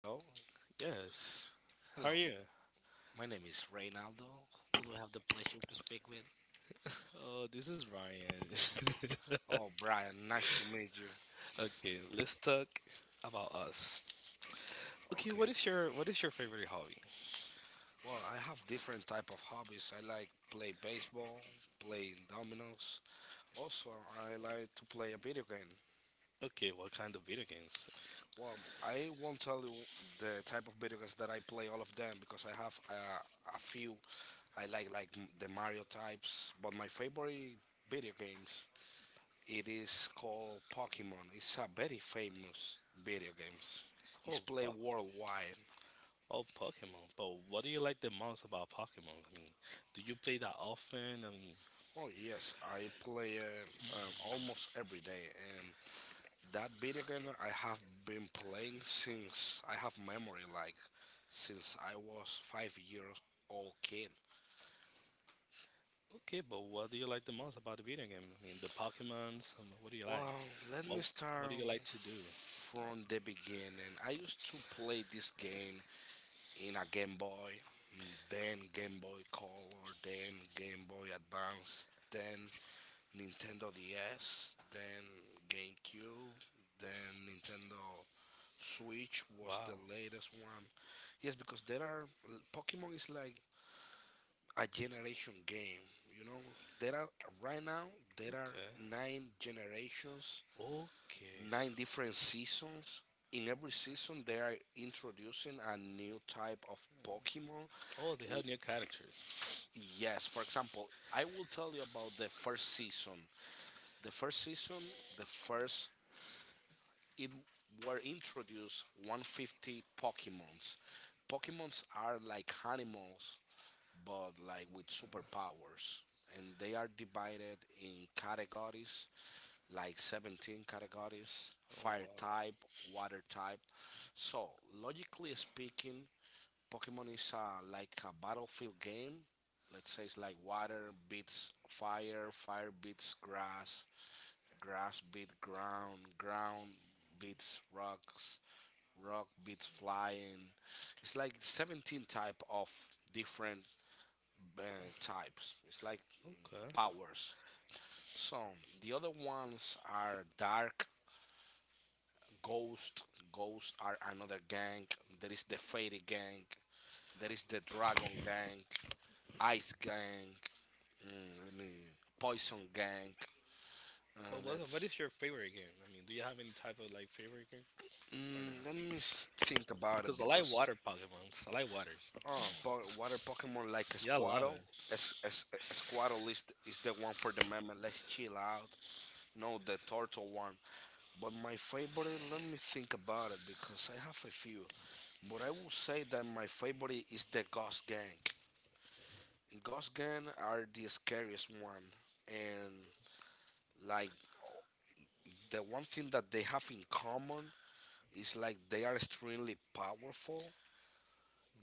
Hello, Yes. How hello. are you? My name is Reynaldo. Who do I have the pleasure to speak with? Oh, this is Ryan. Oh, Brian, nice to meet you. Okay, let's talk about us. Okay, Okay. what is your favorite hobby? Well, I have different type of hobbies. I like play baseball, play dominoes. Also, I like to play a video game. Okay, what kind of video games? Well, I won't tell you the type of video games that I play all of them because I have a few. I like like the Mario types, but my favorite video games it is called Pokemon. It's a very famous video games. It's Oh, played wow. worldwide. Oh, Pokemon. But what do you like the most about Pokemon? Do you play that often? Oh yes, I play it almost every day, and that video game I have been playing since I have memory, like since I was 5 years old kid. Okay, but what do you like the most about the video game? I mean, the Pokemons. What do you like? Well, let me What What start do you like to do? Oh, from the beginning. I used to play this game in a Game Boy, then Game Boy Color, then Game Boy Advance, then Nintendo DS, then GameCube, then Nintendo Switch was wow. the latest one. Yes, because there are Pokemon is like a generation game. You know, there are right now there are Okay. nine generations, Okay. Nine different seasons. In every season, they are introducing a new type of Pokemon. Oh, they have new characters. Yes, for example, I will tell you about the first season. The first season, the first it were introduced 150 Pokemons. Pokemons are like animals, but like with superpowers, and they are divided in categories, like 17 categories: Oh, wow. fire type, water type. So logically speaking, Pokemon is like a battlefield game. Let's say it's like water beats fire, fire beats grass, grass beats ground, ground beats rocks, rock beats flying. It's like 17 type of different uh, types. It's like Okay. Powers. So the other ones are Dark Ghost. Ghost are another gang. There is the Fairy gang. There is the Dragon gang. Ice Gang, mm, let me Poison Gang. Uh, But what let's is your favorite game? I mean, do you have any type of like favorite game or mm, let not? me s- Think about it Because I like because water Pokemons. I like waters. oh, water Pokemon like Yeah, I love Squirtle. it. Es- es- Squirtle is the one for the meme. Let's chill out. No, the turtle one. But my favorite, let me think about it because I have a few. But I will say that my favorite is the Ghost Gang. Ghost Gang are the scariest one, and like the one thing that they have in common, it's like they are extremely powerful,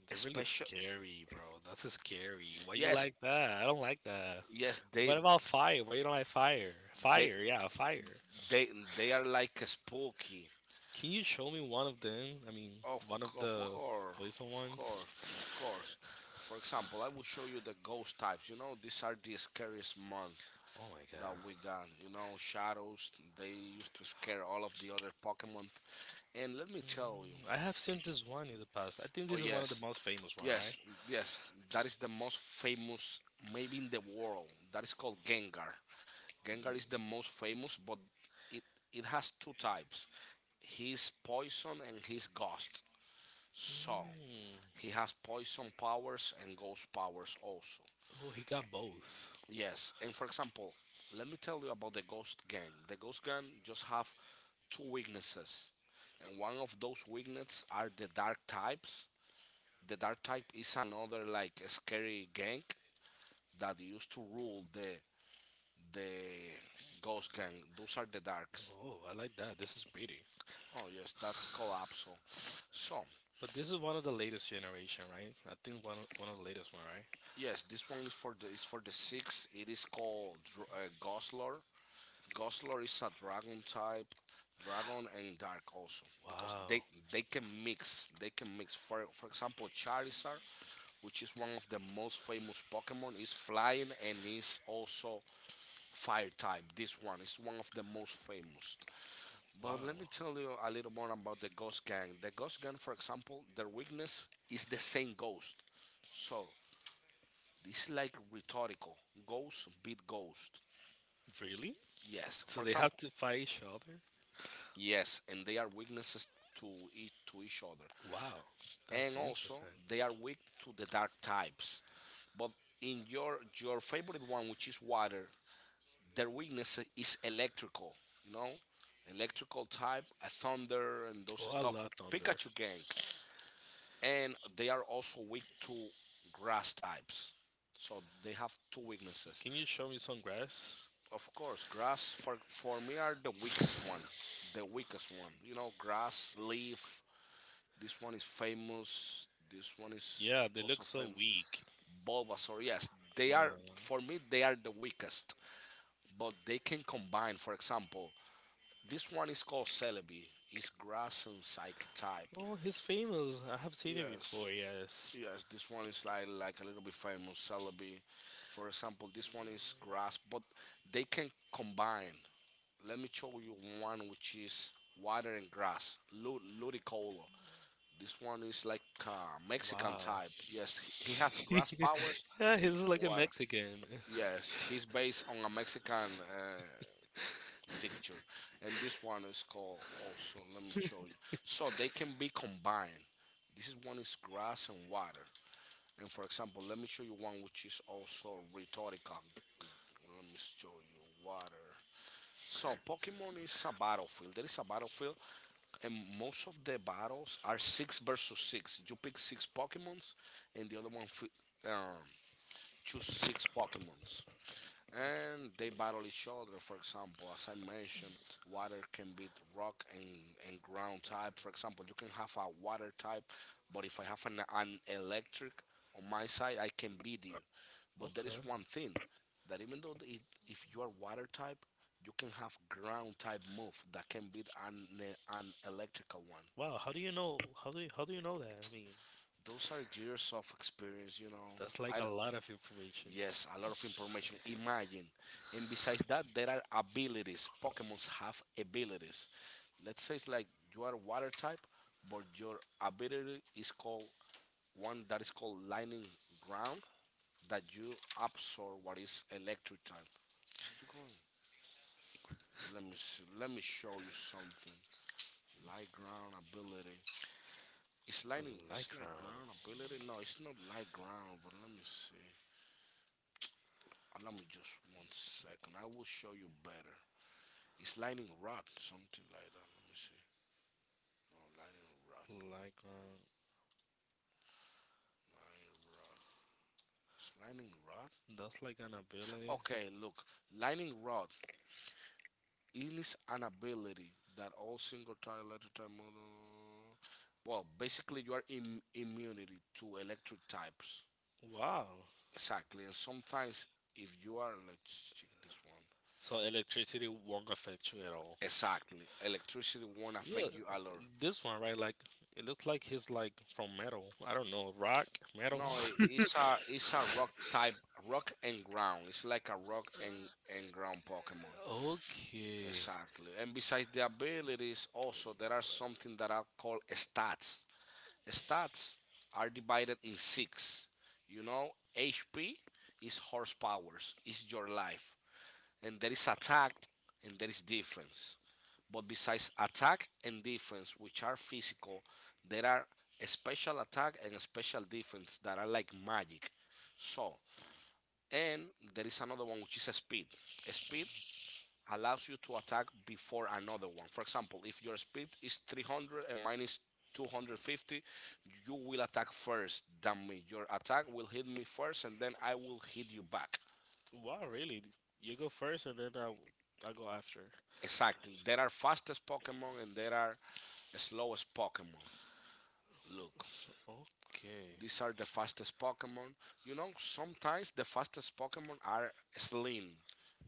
They're really especially scary, bro. That's scary. Why you yes, like that? I don't like that. yes, What about fire? Why you don't like fire? they Fire, yeah, fire. they they are like a spooky. Can you show me one of them? I mean, one of Of the course, poison of ones. course, of course. For example, I will show you the ghost types. You know, these are the scariest month Oh my that we god. got. You know, shadows. They used to scare all of the other Pokemon. And let me tell you. Mm, I have seen this one in the past. I think Oh this is one of the yes, most famous one, right? yes, yes. That is the most famous, maybe in the world. That is called Gengar. Gengar is the most famous, but it, it has two types. He's poison and he's ghost. So Mm. he has poison powers and ghost powers also. Oh, he got both. Yes, and for example, let me tell you about the ghost gang. The ghost gang just have two weaknesses. And one of those weaknesses are the dark types. The dark type is another like scary gang that used to rule the ghost gang. Those are the darks. Oh, I like that. This is pretty. Oh yes, that's Collapso. So But this is one of the latest generation, right? I think one of the latest one, right? yes, this one is for the six. It is called Goslor. Goslor is a dragon type, dragon and dark also because Wow. they can mix. They can mix. For example, Charizard, which is one of the most famous Pokemon, is flying and is also fire type. This one is one of the most famous. Wow. But let me tell you a little more about the Ghost Gang. The Ghost Gang, for example, their weakness is the same ghost. So this is like rhetorical. Ghost beat ghost. Really? Yes. So For they have example. to fight each other? Yes, and they are weaknesses to each other. Wow. And That's also interesting. they are weak to the dark types. But in your favorite one which is water, their weakness is electrical, you know? Electrical type, a thunder and those Oh, I stuff. love thunder. Pikachu gang. And they are also weak to grass types. So they have two weaknesses. Can you show me some grass? Of course, grass for me are the weakest one, the weakest one. You know, grass, leaf. This one is famous. This one is Yeah, they also look so famous. weak. Bulbasaur. Yes, they Yeah. are for me. They are the weakest, but they can combine. For example, this one is called Celebi. It's grass and psychic type. Oh, he's famous. I have seen it Yes, before, yes. yes. This one is like a little bit famous. Celebi, for example. This one is grass, but they can combine. Let me show you one which is water and grass, Ludicolo. This one is like Mexican Wow. type. Yes, he has grass powers Now, yeah, he's like and a water. Mexican. just Yes, he's based on a Mexican picture, and this one is called also. Let me show you. So they can be combined. This is one is grass and water. And for example, let me show you one which is also rhetorical. Let me show you water. So Pokemon is a battlefield. There is a battlefield and most of the battles are six versus six. You pick six Pokemons, and the other one um, choose six Pokemons, and they battle each other. For example, as I mentioned, water can beat rock and ground type. For example, you can have a water type, but if I have an electric on my side, I can beat you. Okay. But there just is one thing thing. that even though it, if you are water type, you can have ground type move that can beat an electrical one. Wow, how do you know how do you know that? Those are years of experience, you know. That's like I a d lot of information. Yes, a lot of information, imagine, and besides that there are abilities. Pokemons have abilities. Let's say it's like you are water type, but your ability is called one that is called lightning ground, that you absorb what is electric type. Let me see, let me show you something. Light ground ability, A it's this. lightning, it's Lycra. like ground ability, no, it's not light ground, but let me see. Allow me just one second. I will show you better. It's lightning rod, something like that. Let me see. No, lightning rod. And I'm Lightning rod. It's lightning gonna just s- I am going to si will show you right now. Lycra. rod. That's like an ability. Okay, look. Lightning rod is an ability that all single type, electric type model. Well, basically, you are immunity to electric types. Wow. Exactly. And sometimes, if you are, let's check this one. So electricity won't affect you at all. Exactly. Electricity won't Yeah, affect you a lot. this one right, like it looks like he's like from metal. I don't know, rock, metal. No, it's a rock type, rock and ground. It's like a rock and ground Pokemon. Okay. Exactly. And besides the abilities, also there are something that I call stats. Stats are divided in six. You know, HP is horsepowers, is your life, and there is attack, and there is defense. But besides attack and defense, which are physical, there are special attack and special defense that are like magic. So, and there is another one which is speed. Speed allows you to attack before another one. For example, if your speed is 300 and mine is 250, you will attack first than me. Your attack will hit me first and then I will hit you back. Wow, really? You go first, and then I go after. Exactly. There are fastest Pokemon and there are slowest Pokemon. Look, So, okay. these are the fastest Pokemon. You know, sometimes the fastest Pokemon are slim.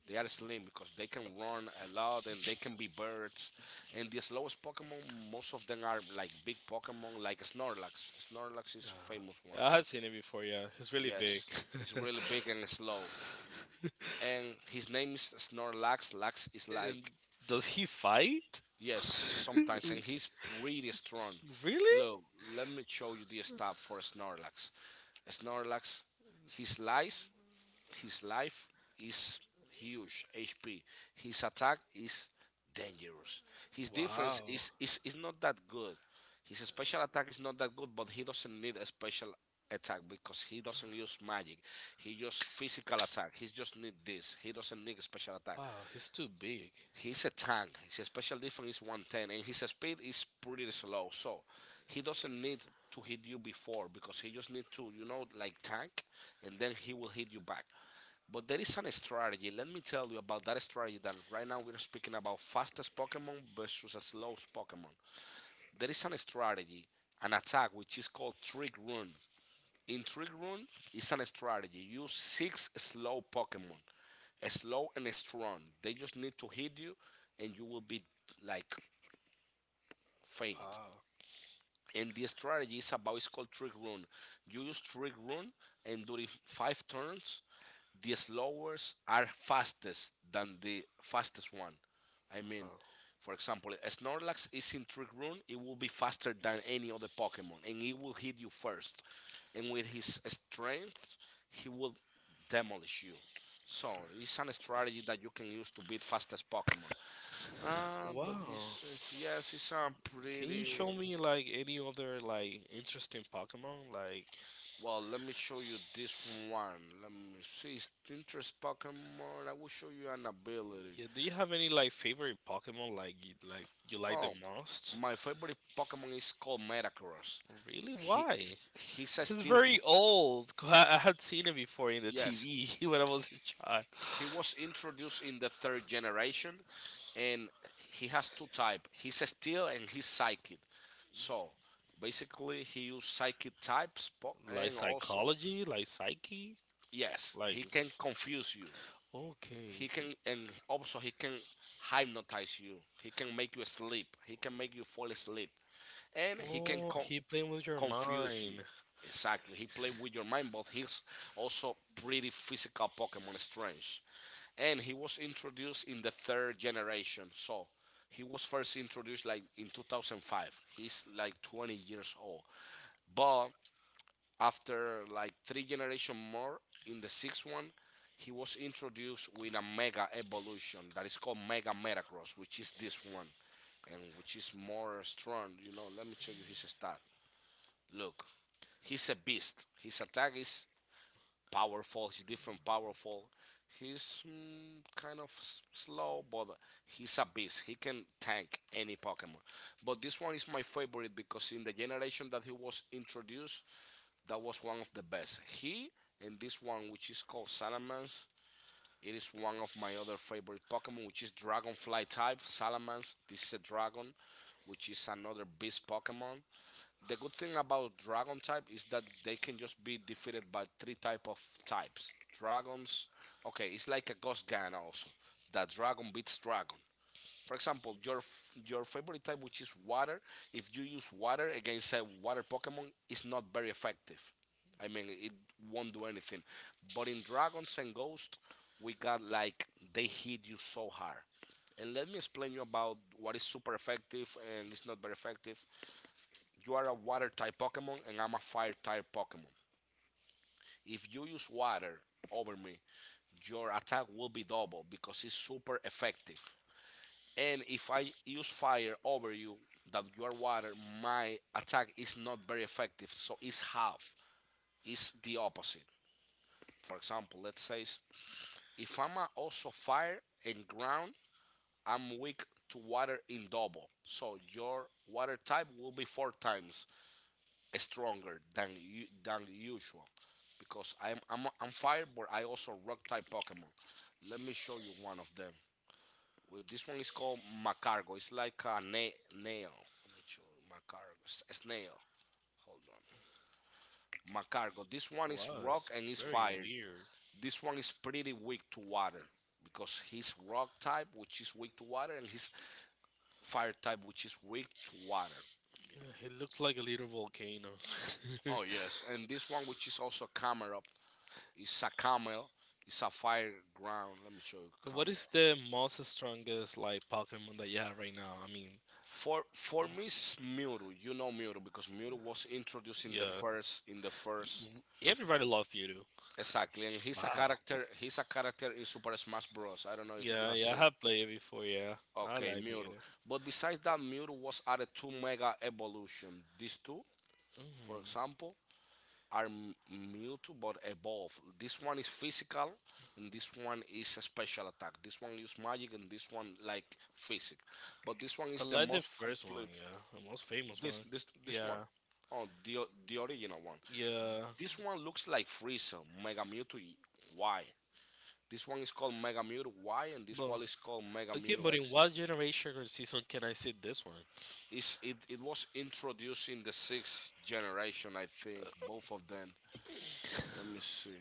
They are slim because they can run a lot and they can be birds. And the slowest Pokemon, most of them are like big Pokemon, like Snorlax. Snorlax is famous one. I had seen it before, yeah. It's really big. Yes, it's really big and slow. And his name is Snorlax. Lax is And like does he fight? yes, sometimes, and he's pretty strong. Really? Look, let me show you the stuff for Snorlax. Snorlax, his lies his life is huge, HP. His attack is dangerous. His Wow. defense is not that good. His special attack is not that good, but he doesn't need a special attack because he doesn't use magic. He just physical attack. He just need this. He doesn't need a special attack. Wow, he's too big. He's a tank. His special defense is 110, and his speed is pretty slow. So he doesn't need to hit you before because he just needs to, you know, like tank, and then he will hit you back. But there is an strategy. Let me tell you about that strategy. That right now we're speaking about fastest Pokemon versus a slow Pokemon. There is an strategy, an attack which is called Trick Run. Intrigue Rune is an strategy. Use six slow Pokemon, slow and strong. They just need to hit you, and you will be like faint. Wow. And the strategy is about it's called Trick Rune. You use Trick Rune, and during 5 turns, the slowest are fastest than the fastest one. I mean, for example, a Snorlax is in Trick Room, it will be faster than any other Pokemon, and it will hit you first. And with his strength, he will demolish you. So it's an strategy that you can use to beat fastest Pokemon. Ah, Wow. but besides, yes, it's a Can you pretty. show me like any other like interesting Pokemon? Like Well, let me show you this one. Let me see. Interest Pokemon. I will show you an ability. Yeah, do you have any like favorite Pokemon like like you like the Oh, most? My favorite Pokemon is called Metagross. Really? He Why? He's he's a It's steel. very old. I had seen it before in the yes. yes, TV when I was a child. he was introduced in the third generation, and he has two type. He's a steel and he's psychic. So basically, he use psychic types, Like and also psychology, like psyche, yes, like he can confuse you. He okay. can and also he can hypnotize you. He can make you sleep. He can make you fall asleep, and he can Oh, he playing with your confuse you. mind. Exactly. He played with your mind, but he's also pretty physical Pokemon Strange. And he was introduced in the third generation. So he was first introduced like in 2005. He's like 20 years old. But after like three generation more in the sixth one, he was introduced with a mega evolution that is called Mega Metagross, which is this one, and which is more strong. You know, let me show you his stat. Look, he's a beast. His attack is powerful. He's different powerful. He's kind of slow, but he's a beast. He can tank any Pokemon. But this one is my favorite because in the generation that he was introduced, that was one of the best. He and this one, which is called Salamence, it is one of my other favorite Pokemon, which is Dragonfly type. Salamence. This is a dragon, which is another beast Pokemon. The good thing about dragon type is that they can just be defeated by three type of types. Dragons, okay, it's like a ghost gun also. That dragon beats dragon. For example, your favorite type, which is water, if you use water against a water Pokemon, it's not very effective. I mean, it won't do anything. But in Dragons and Ghosts, we got like they hit you so hard. And let me explain you about what is super effective and it's not very effective. You are a water type Pokemon and I'm a fire type Pokemon. If you use water over me, your attack will be double because it's super effective. And if I use fire over you, that you are water, my attack is not very effective, so it's half. It's the opposite. For example, let's say if I'm also fire and ground, I'm weak to water in double. So your water type will be four times stronger than than usual because I'm fire, but I also rock type Pokemon. Let me show you one of them. Well, this one is called Macargo. It's like a nail. Let me show you. Macargo. Snail. Hold on. Macargo. This one is Was rock and is very fire. weird. This one is pretty weak to water because he's rock type, which is weak to water, and he's fire type, which is weak to water. Yeah, it looks like a little volcano. Oh yes, and this one, which is also camera, it's a camel. It's a fire ground. Let me show you camel. What is the most strongest like Pokemon that you have right now? I mean, For me, it's Miro. You know Miro because Miro was introduced in the yeah, first in the first Y- everybody loves Mewtwo. Exactly, and he's a character. He's a character in Super Smash Bros. I don't know if you Yeah, have yeah, I seen. have played it before. Yeah, I Okay, like Miro. Mewtwo. But besides that, Miro was added to Mega Evolution. These two, for Mhm. example. are m- Mute but evolve. This one is physical, and this one is a special attack. This one use magic, and this one like physic. But this one I is the like the most first one. complete. Yeah, the most famous This one. this this one. Yeah, The original one. yeah. This one looks like Frieza, Mega Mewtwo Y. This one is called Mega Mewtwo Y, and this Bro. one is called Mega Okay, Mewtwo but in X. what generation or season can I see this one? It's, it was introduced in the sixth generation, I think, both of them. Let me see.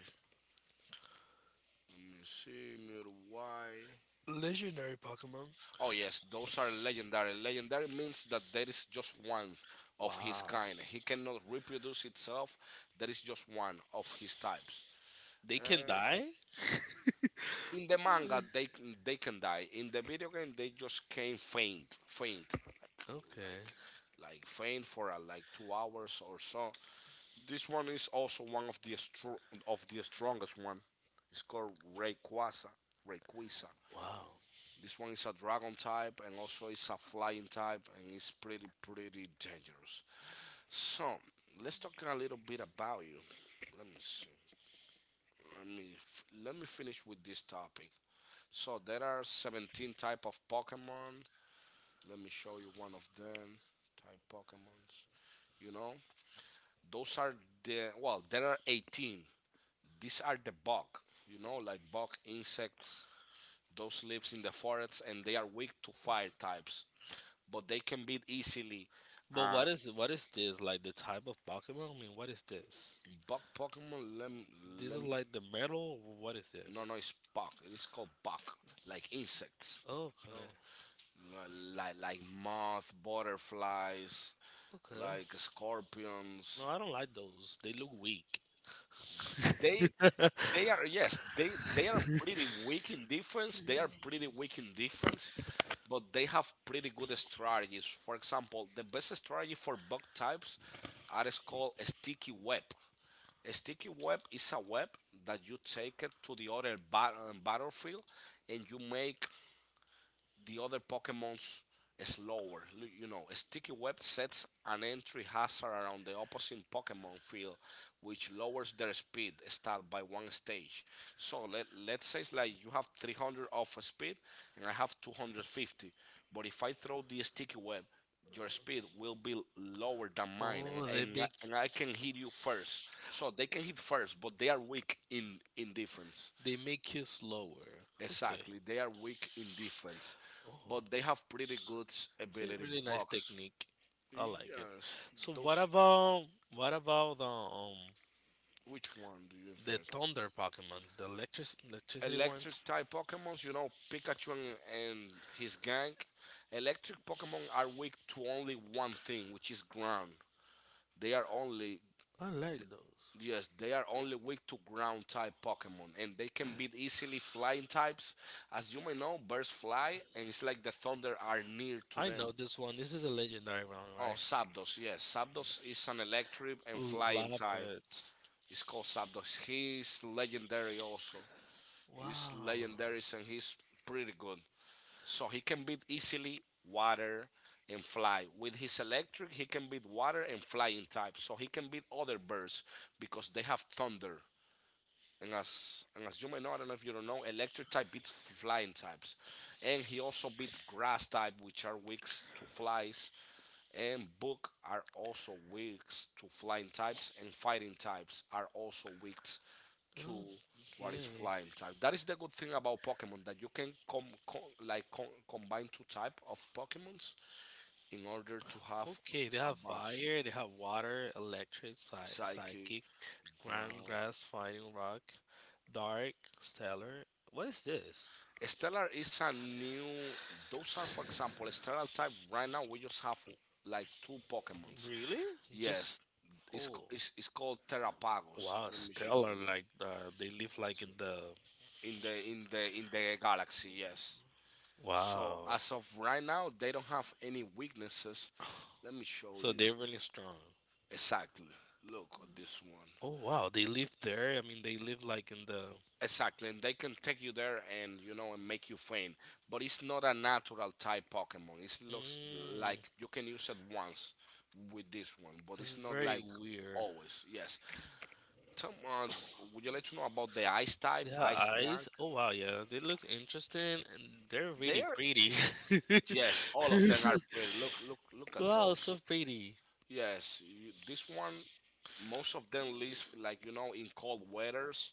Simir, why? Legendary Pokemon. Oh yes, those are legendary. Legendary means that there is just one of his Wow. kind. He cannot reproduce itself. There is just one of his types. They can Uh, die? in the manga, they can die. In the video game, they just can faint, Okay. like faint for like 2 hours or so. This one is also one of of the strongest one. It's called Rayquaza. Rayquaza. Wow. This one is a dragon type and also it's a flying type and it's pretty dangerous. So let's talk a little bit about you. Let me see. Let me finish with this topic. So there are 17 type of Pokemon. Let me show you one of them. Type Pokemons. You know, those are the well. There are 18. These are the bug. You know, like bug insects. Those lives in the forests and they are weak to fire types. But they can beat easily. But Uh, what is this? Like the type of Pokemon? I mean, what is this? Buck Pokemon lem This is lem. like the metal? Or What is no No, no, it's this? bug. It is called bug, like insects. Okay. No, like moth, butterflies, Okay. like scorpions. No, I don't like those. They look weak. They they are yes they are pretty weak in defense. They are pretty weak in defense, but they have pretty good strategies. For example, the best strategy for bug types are is called a sticky web. A sticky web is a web that you take it to the other battlefield and you make the other Pokemon's slower. You know, a sticky web sets an entry hazard around the opposing Pokemon field, which lowers their speed stat by one stage. So let's say it's like you have 300 of speed and I have 250, but if I throw the sticky web, your speed will be lower than mine Oh, and I can hit you first. So they can hit first, but they are weak in defense. they make you slower. Okay. Exactly. They are weak in defense, Oh, but they have pretty good it's a ability really nice box. technique. I like it. Yes, So those. What about Which one do you the interest? thunder Pokemon, the electric electricity Electric ones? type Pokemons, you know, Pikachu and his gang. Electric Pokemon are weak to only one thing, which is ground. They are only I like those. yes, they are only weak to ground type Pokemon, and they can beat easily flying types. As you may know, birds fly, and it's like the thunder are near to I them. them. Know this one. This is a legendary one, Oh, right? Sabdos, yes. Sabdos is an electric and flying Love type. it. It's It's called Sabdos. He's legendary also. legendary, He's Wow. legendary legendary, and type he's pretty good. So he can beat easily water and fly. With his electric, he can beat water and flying type. So he can beat other birds because they have thunder. And as you may know, I don't know if you don't know, electric type beats flying types. And he also beat grass type, which are weak to flies and book are also weak to flying types, and fighting types are also weak to what is Okay. flying type. That is the good thing about Pokemon that you can combine two type of Pokemons in order to have Okay, they a have monster batch. fire, they have water, electric, Psychic, psychic, ground, ground. grass, fighting, rock, dark, stellar. What is this? Stellar is a new. Those are, for example, Stellar type. Right now, we just have like two Pokemons. Really? Just Yes, oh it's called Terrapagos. wow, Let me show stellar! you. Like they live Let's like see. in the In the galaxy, yes. So wow. as of right now, they don't have any weaknesses. Let me show are you really strong. exactly. Look at this one. Oh wow, they live there. I mean, they live like in the. Exactly, and they can take you there and you know and make you faint. But it's not a natural type Pokemon. It looks Mm, like you can use it once with this one, but it's it's not very like weird. always. Yes. Tom, would you like to know about the ice type, Their ice gang? eyes, oh wow, yeah, they look interesting and they're really They're pretty. yes, all of them are pretty. Look, look at Wow, those. so pretty. Yes, you, this one most of them live like you know in cold weathers.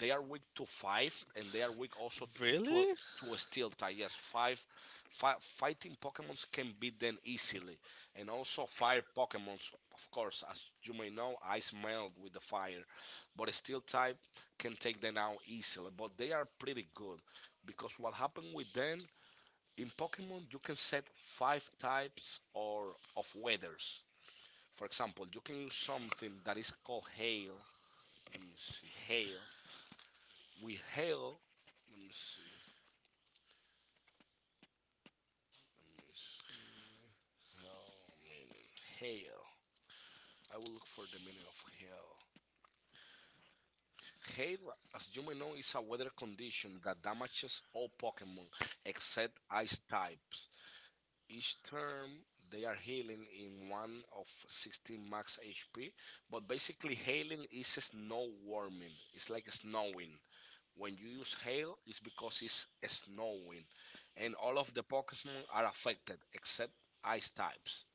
They are weak to five and they are weak also to Really? A steel type yes five, fi fighting pokemons can beat them easily and also fire pokemons, of course. As you may know, ice melt with the fire, but a steel type can take them out easily. But they are pretty good because what happened with them in pokemon, you can set five types or of weathers. For example, you can use something that is called hail. Let me see, hail. With hail, let me see, let me see. Hail meaning hail. I will look for the meaning of hail. Hail, as you may know, is a weather condition that damages all Pokemon except ice types. Each term, they are healing in one of 16 max HP. But basically, healing is snow warming. It's like snowing. When you use hail, it's because it's snowing. And all of the Pokemon are affected except ice types.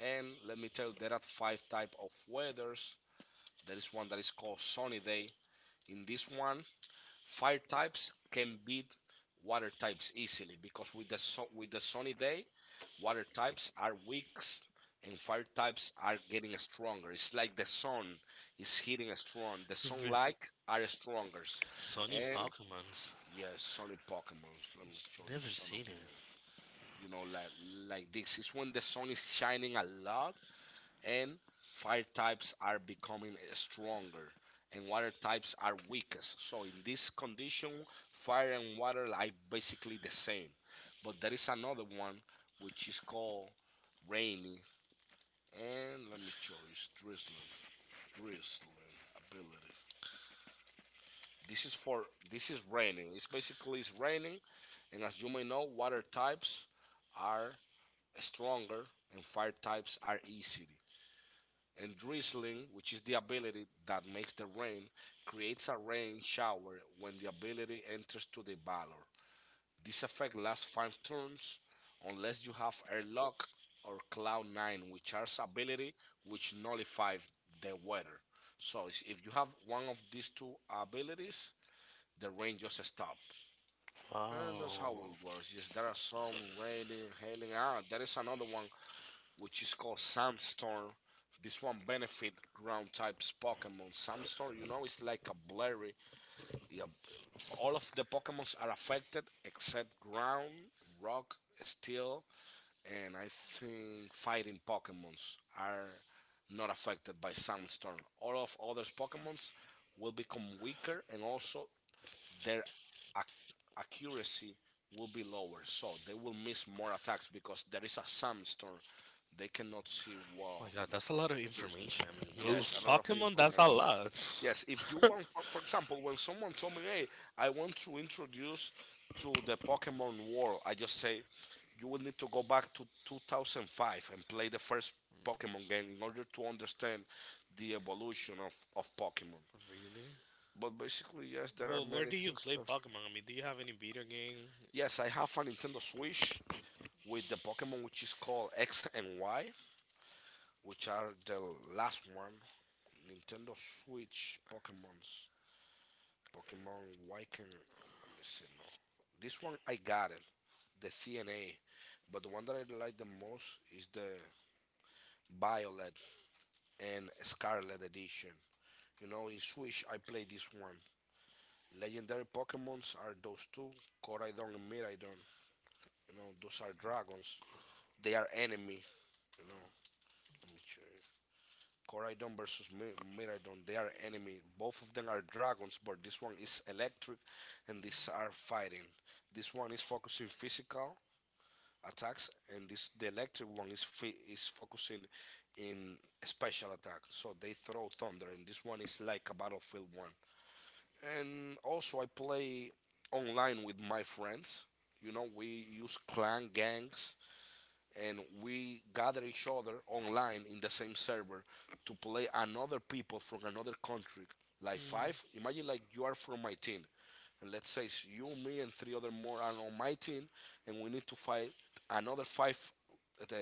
And let me tell you, there are five type of weathers. There is one that is called Sunny Day. In this one, fire types can beat water types easily because with with the sunny day, water types are weak and fire types are getting stronger. It's like the sun is hitting strong. The Re- sunlight are stronger. Sunny And Pokemons. yes, sunny Pokemons. Let me show you Never some seen of it. the. You know like like this. It's when the sun is shining a lot and fire types are becoming stronger and water types are weakest. So in this condition, fire and water are basically the same. But there is another one which is called rainy, and let me choose drizzling ability. This is raining. It's basically, it's raining, and as you may know, water types are stronger and fire types are easy. And drizzling, which is the ability that makes the rain, creates a rain shower when the ability enters to the valor. This effect lasts five turns unless you have airlock or cloud nine, which are ability which nullify the weather. So if you have one of these two abilities, the rain just stop. And that's how Wow. it works. Yes, there are some raining, hailing. Ah, there is another one which is called Sandstorm. This one benefit ground types Pokemon. Sandstorm, it's like a blurry. Yeah, all of the Pokemons are affected except ground, rock, steel, and I think fighting Pokemons are not affected by Sandstorm. All of other Pokemons will become weaker, and also their ac- accuracy will be lower. So they will miss more attacks because there is a sandstorm. Oh They cannot see my well. walls. God, that's a lot of What is this? information. I mean, ooh, Yes, another film Pokemon, that's promotion. a lot. Yes, if you want, for example, when someone told me, "Hey, I want to introduce to the Pokemon world," I just say, "You will need to go back to 2005 and play the first Pokemon game in order to understand the evolution of Pokemon." Really? But basically, yes, there are Well, where many do you things play to. Pokemon? I mean, do you have any video game? Yes, I have a Nintendo Switch with the Pokemon which is called X and Y, which are the last one Nintendo Switch Pokemons. Pokemon White and, oh, let me see. No, this one I got it, the CNA, but the one that I like the most is the Violet and Scarlet edition. In Switch I play this one. Legendary Pokemons are those two, Koraidon and Miraidon. Those are dragons. They are enemy. You know, Let me check. Koraidon versus Miraidon. They are enemy. Both of them are dragons, but this one is electric, and these are fighting. This one is focusing physical attacks, and this the electric one is focusing in special attack. So they throw thunder, and this one is like a battlefield one. And also I play online with my friends. We use clan gangs, and we gather each other online in the same server to play another people from another country. Like Hmm, five, imagine like you are from my team, and let's say it's you, me, and three other more are on my team, and we need to fight another five uh,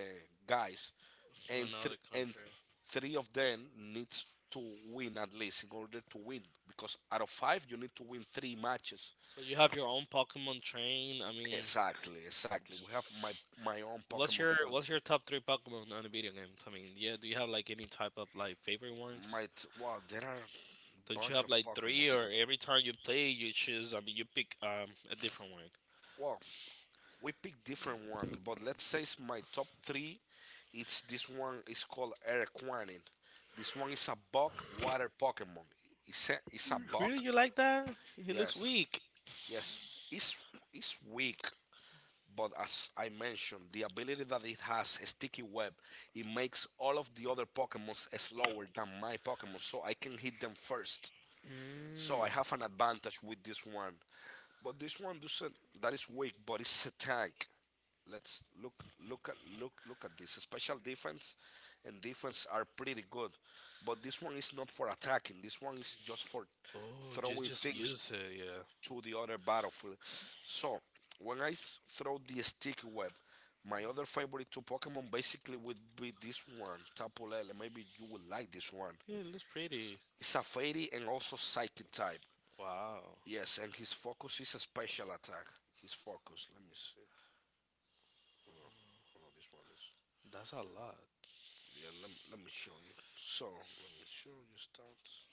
guys, okay? and th- another and country. three of them needs to win at least in order to win because out of five you need to win three matches. So you have your own Pokemon train. I mean, Exactly, exactly. We have my own what's Pokemon your friend. what's your top three Pokemon on the video games? I mean, yeah, do you have like any type of like favorite ones? Wow, there are Don't you bunch have of like three, or Pokemons. every time you play, you choose? I mean, you pick a different one. Well, we pick different one, but let's say it's my top three. It's This one is called Aeroquanin. This one is a bug water Pokemon. It's a bug. Really, you like that? He looks Yes. Yes, weak. yes. It's it's weak. But as I mentioned, the ability that it has, a sticky web, it makes all of the other Pokemons slower than my Pokemon, so I can hit them first. So I have an Mm. advantage with this one. But this one doesn't. That is weak, but it's a tank. Let's look at this. Special defense and defense are pretty good, but this one is not for attacking. This one is just for Oh, throwing just use things it. Yeah. to the other battlefield. So when I throw the sticky web, my other favorite two Pokemon basically would be this one, Tapu Lele. Maybe you will like this one. Yeah, it looks pretty. It's a fairy and also psychic type. Wow. Yes, and his focus is a special attack. His focus. Let me see. Hold on. Hold on, this one is. That's a lot. Yeah, let me show you. So, let me show you stats.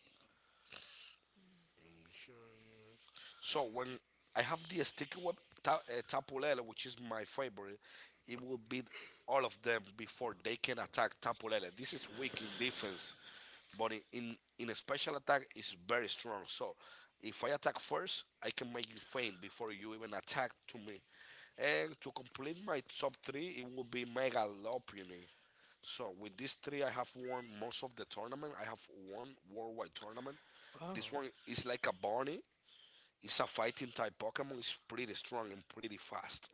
Let me show you. So when I have the sticky web, tapulele, which is my favorite, it will beat all of them before they can attack tapulele. This is weak in defense, but in a special attack is very strong. So if I attack first, I can make you faint before you even attack to me. And to complete my top three, it will be Megalopony. So with these three, I have won most of the tournament. I have won worldwide tournament. Wow. This one is like a bunny. It's a fighting type Pokemon. It's pretty strong and pretty fast.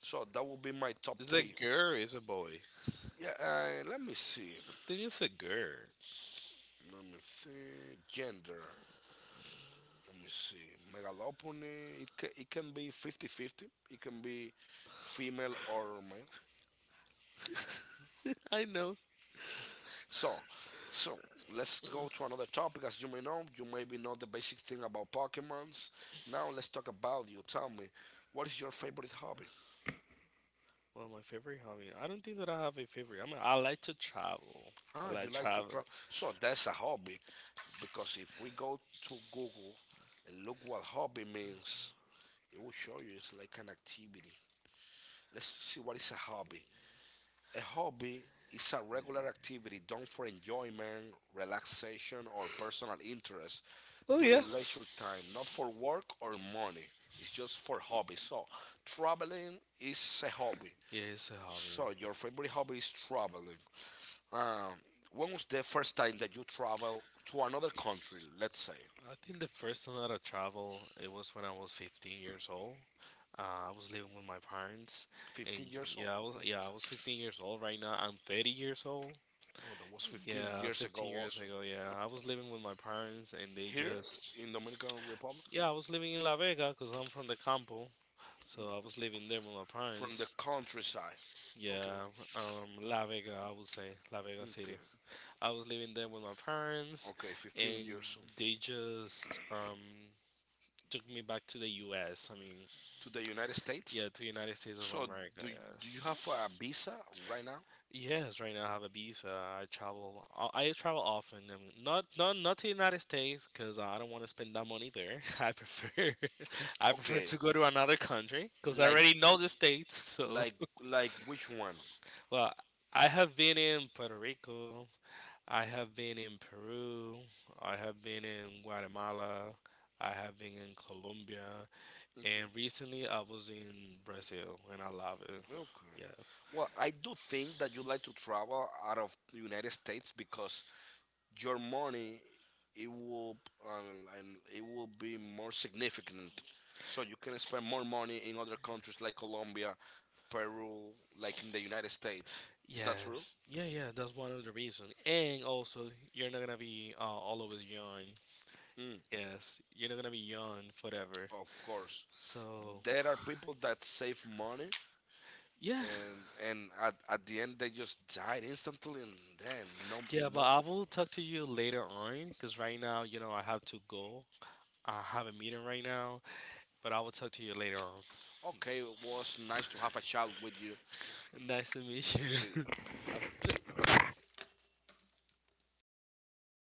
So that will be my top Is it three. girl or is it boy? Yeah, let me see. I think it's a girl. Let me see. Gender. Let me see. Megalopony. It can be fifty-fifty. It can be female or male. I know. So, so, let's go to another topic. As you may know, you maybe know the basic thing about Pokemons. Now let's talk about you. Tell me, what is your favorite hobby? Well, my favorite hobby. I don't think that I have a favorite. I mean, I like to travel. I Ah, you like like to traveling. travel. So that's a hobby. Because if we go to Google and look what hobby means, it will show you it's like an activity. Let's see what is a hobby. A hobby is a regular activity done for enjoyment, relaxation, or personal interest Oh yeah. during leisure time, not for work or money. It's just for hobby. So, traveling is a hobby. Yeah, it's a hobby. So, your favorite hobby is traveling. Um, when was the first time that you travel to another country, let's say? I think the first time that I traveled, it was when I was 15 years old. I was living with my parents, and 15 years old. yeah, I old. was Okay. yeah, I was 15 years old. Right now, I'm 30 years old. Well, that was 15 Yeah, years ago 15 years also. ago, yeah. I was living with my parents and they Here just, in Dominican Republic. yeah, I was living in La Vega because I'm from the campo. So I Mm. was living there with my From the parents. countryside. Okay. Yeah, La Vega, I would say, La Vega Okay. City. I was living there with my parents Okay, 15 and years old. they just took me back to the US. I mean, To the United yeah, States. to United States of So, America, do, do you have a yes. visa right now? Yes, right now I have a visa. I travel often. I mean, not to the United States because I don't want to spend that money there. I prefer I prefer Okay. to go to another country because I Like already know the states. So, like like which one? well, I have been in Puerto Rico. I have been in Peru. I have been in Guatemala. I have been in Colombia, Okay. and recently I was in Brazil, and I love it. Okay. Yeah. Well, I do think that you like to travel out of the United States because your money it will and it will be more significant. So you can spend more money in other countries like Colombia, Peru, like in the United States. Is that true? Yes. Yeah, yeah, that's one of the reasons. And also, you're not gonna be all always young. Mm, Yes, you're not gonna be young forever. of course. So, There are people that save money, yeah, and at the end they just died instantly, and then no, yeah, but no. I will talk to you later on because right now, you know, I have to go. I have a meeting right now, but I will talk to you later on. Okay, it was nice to have a chat with you. Nice to meet Nice to you. see. Have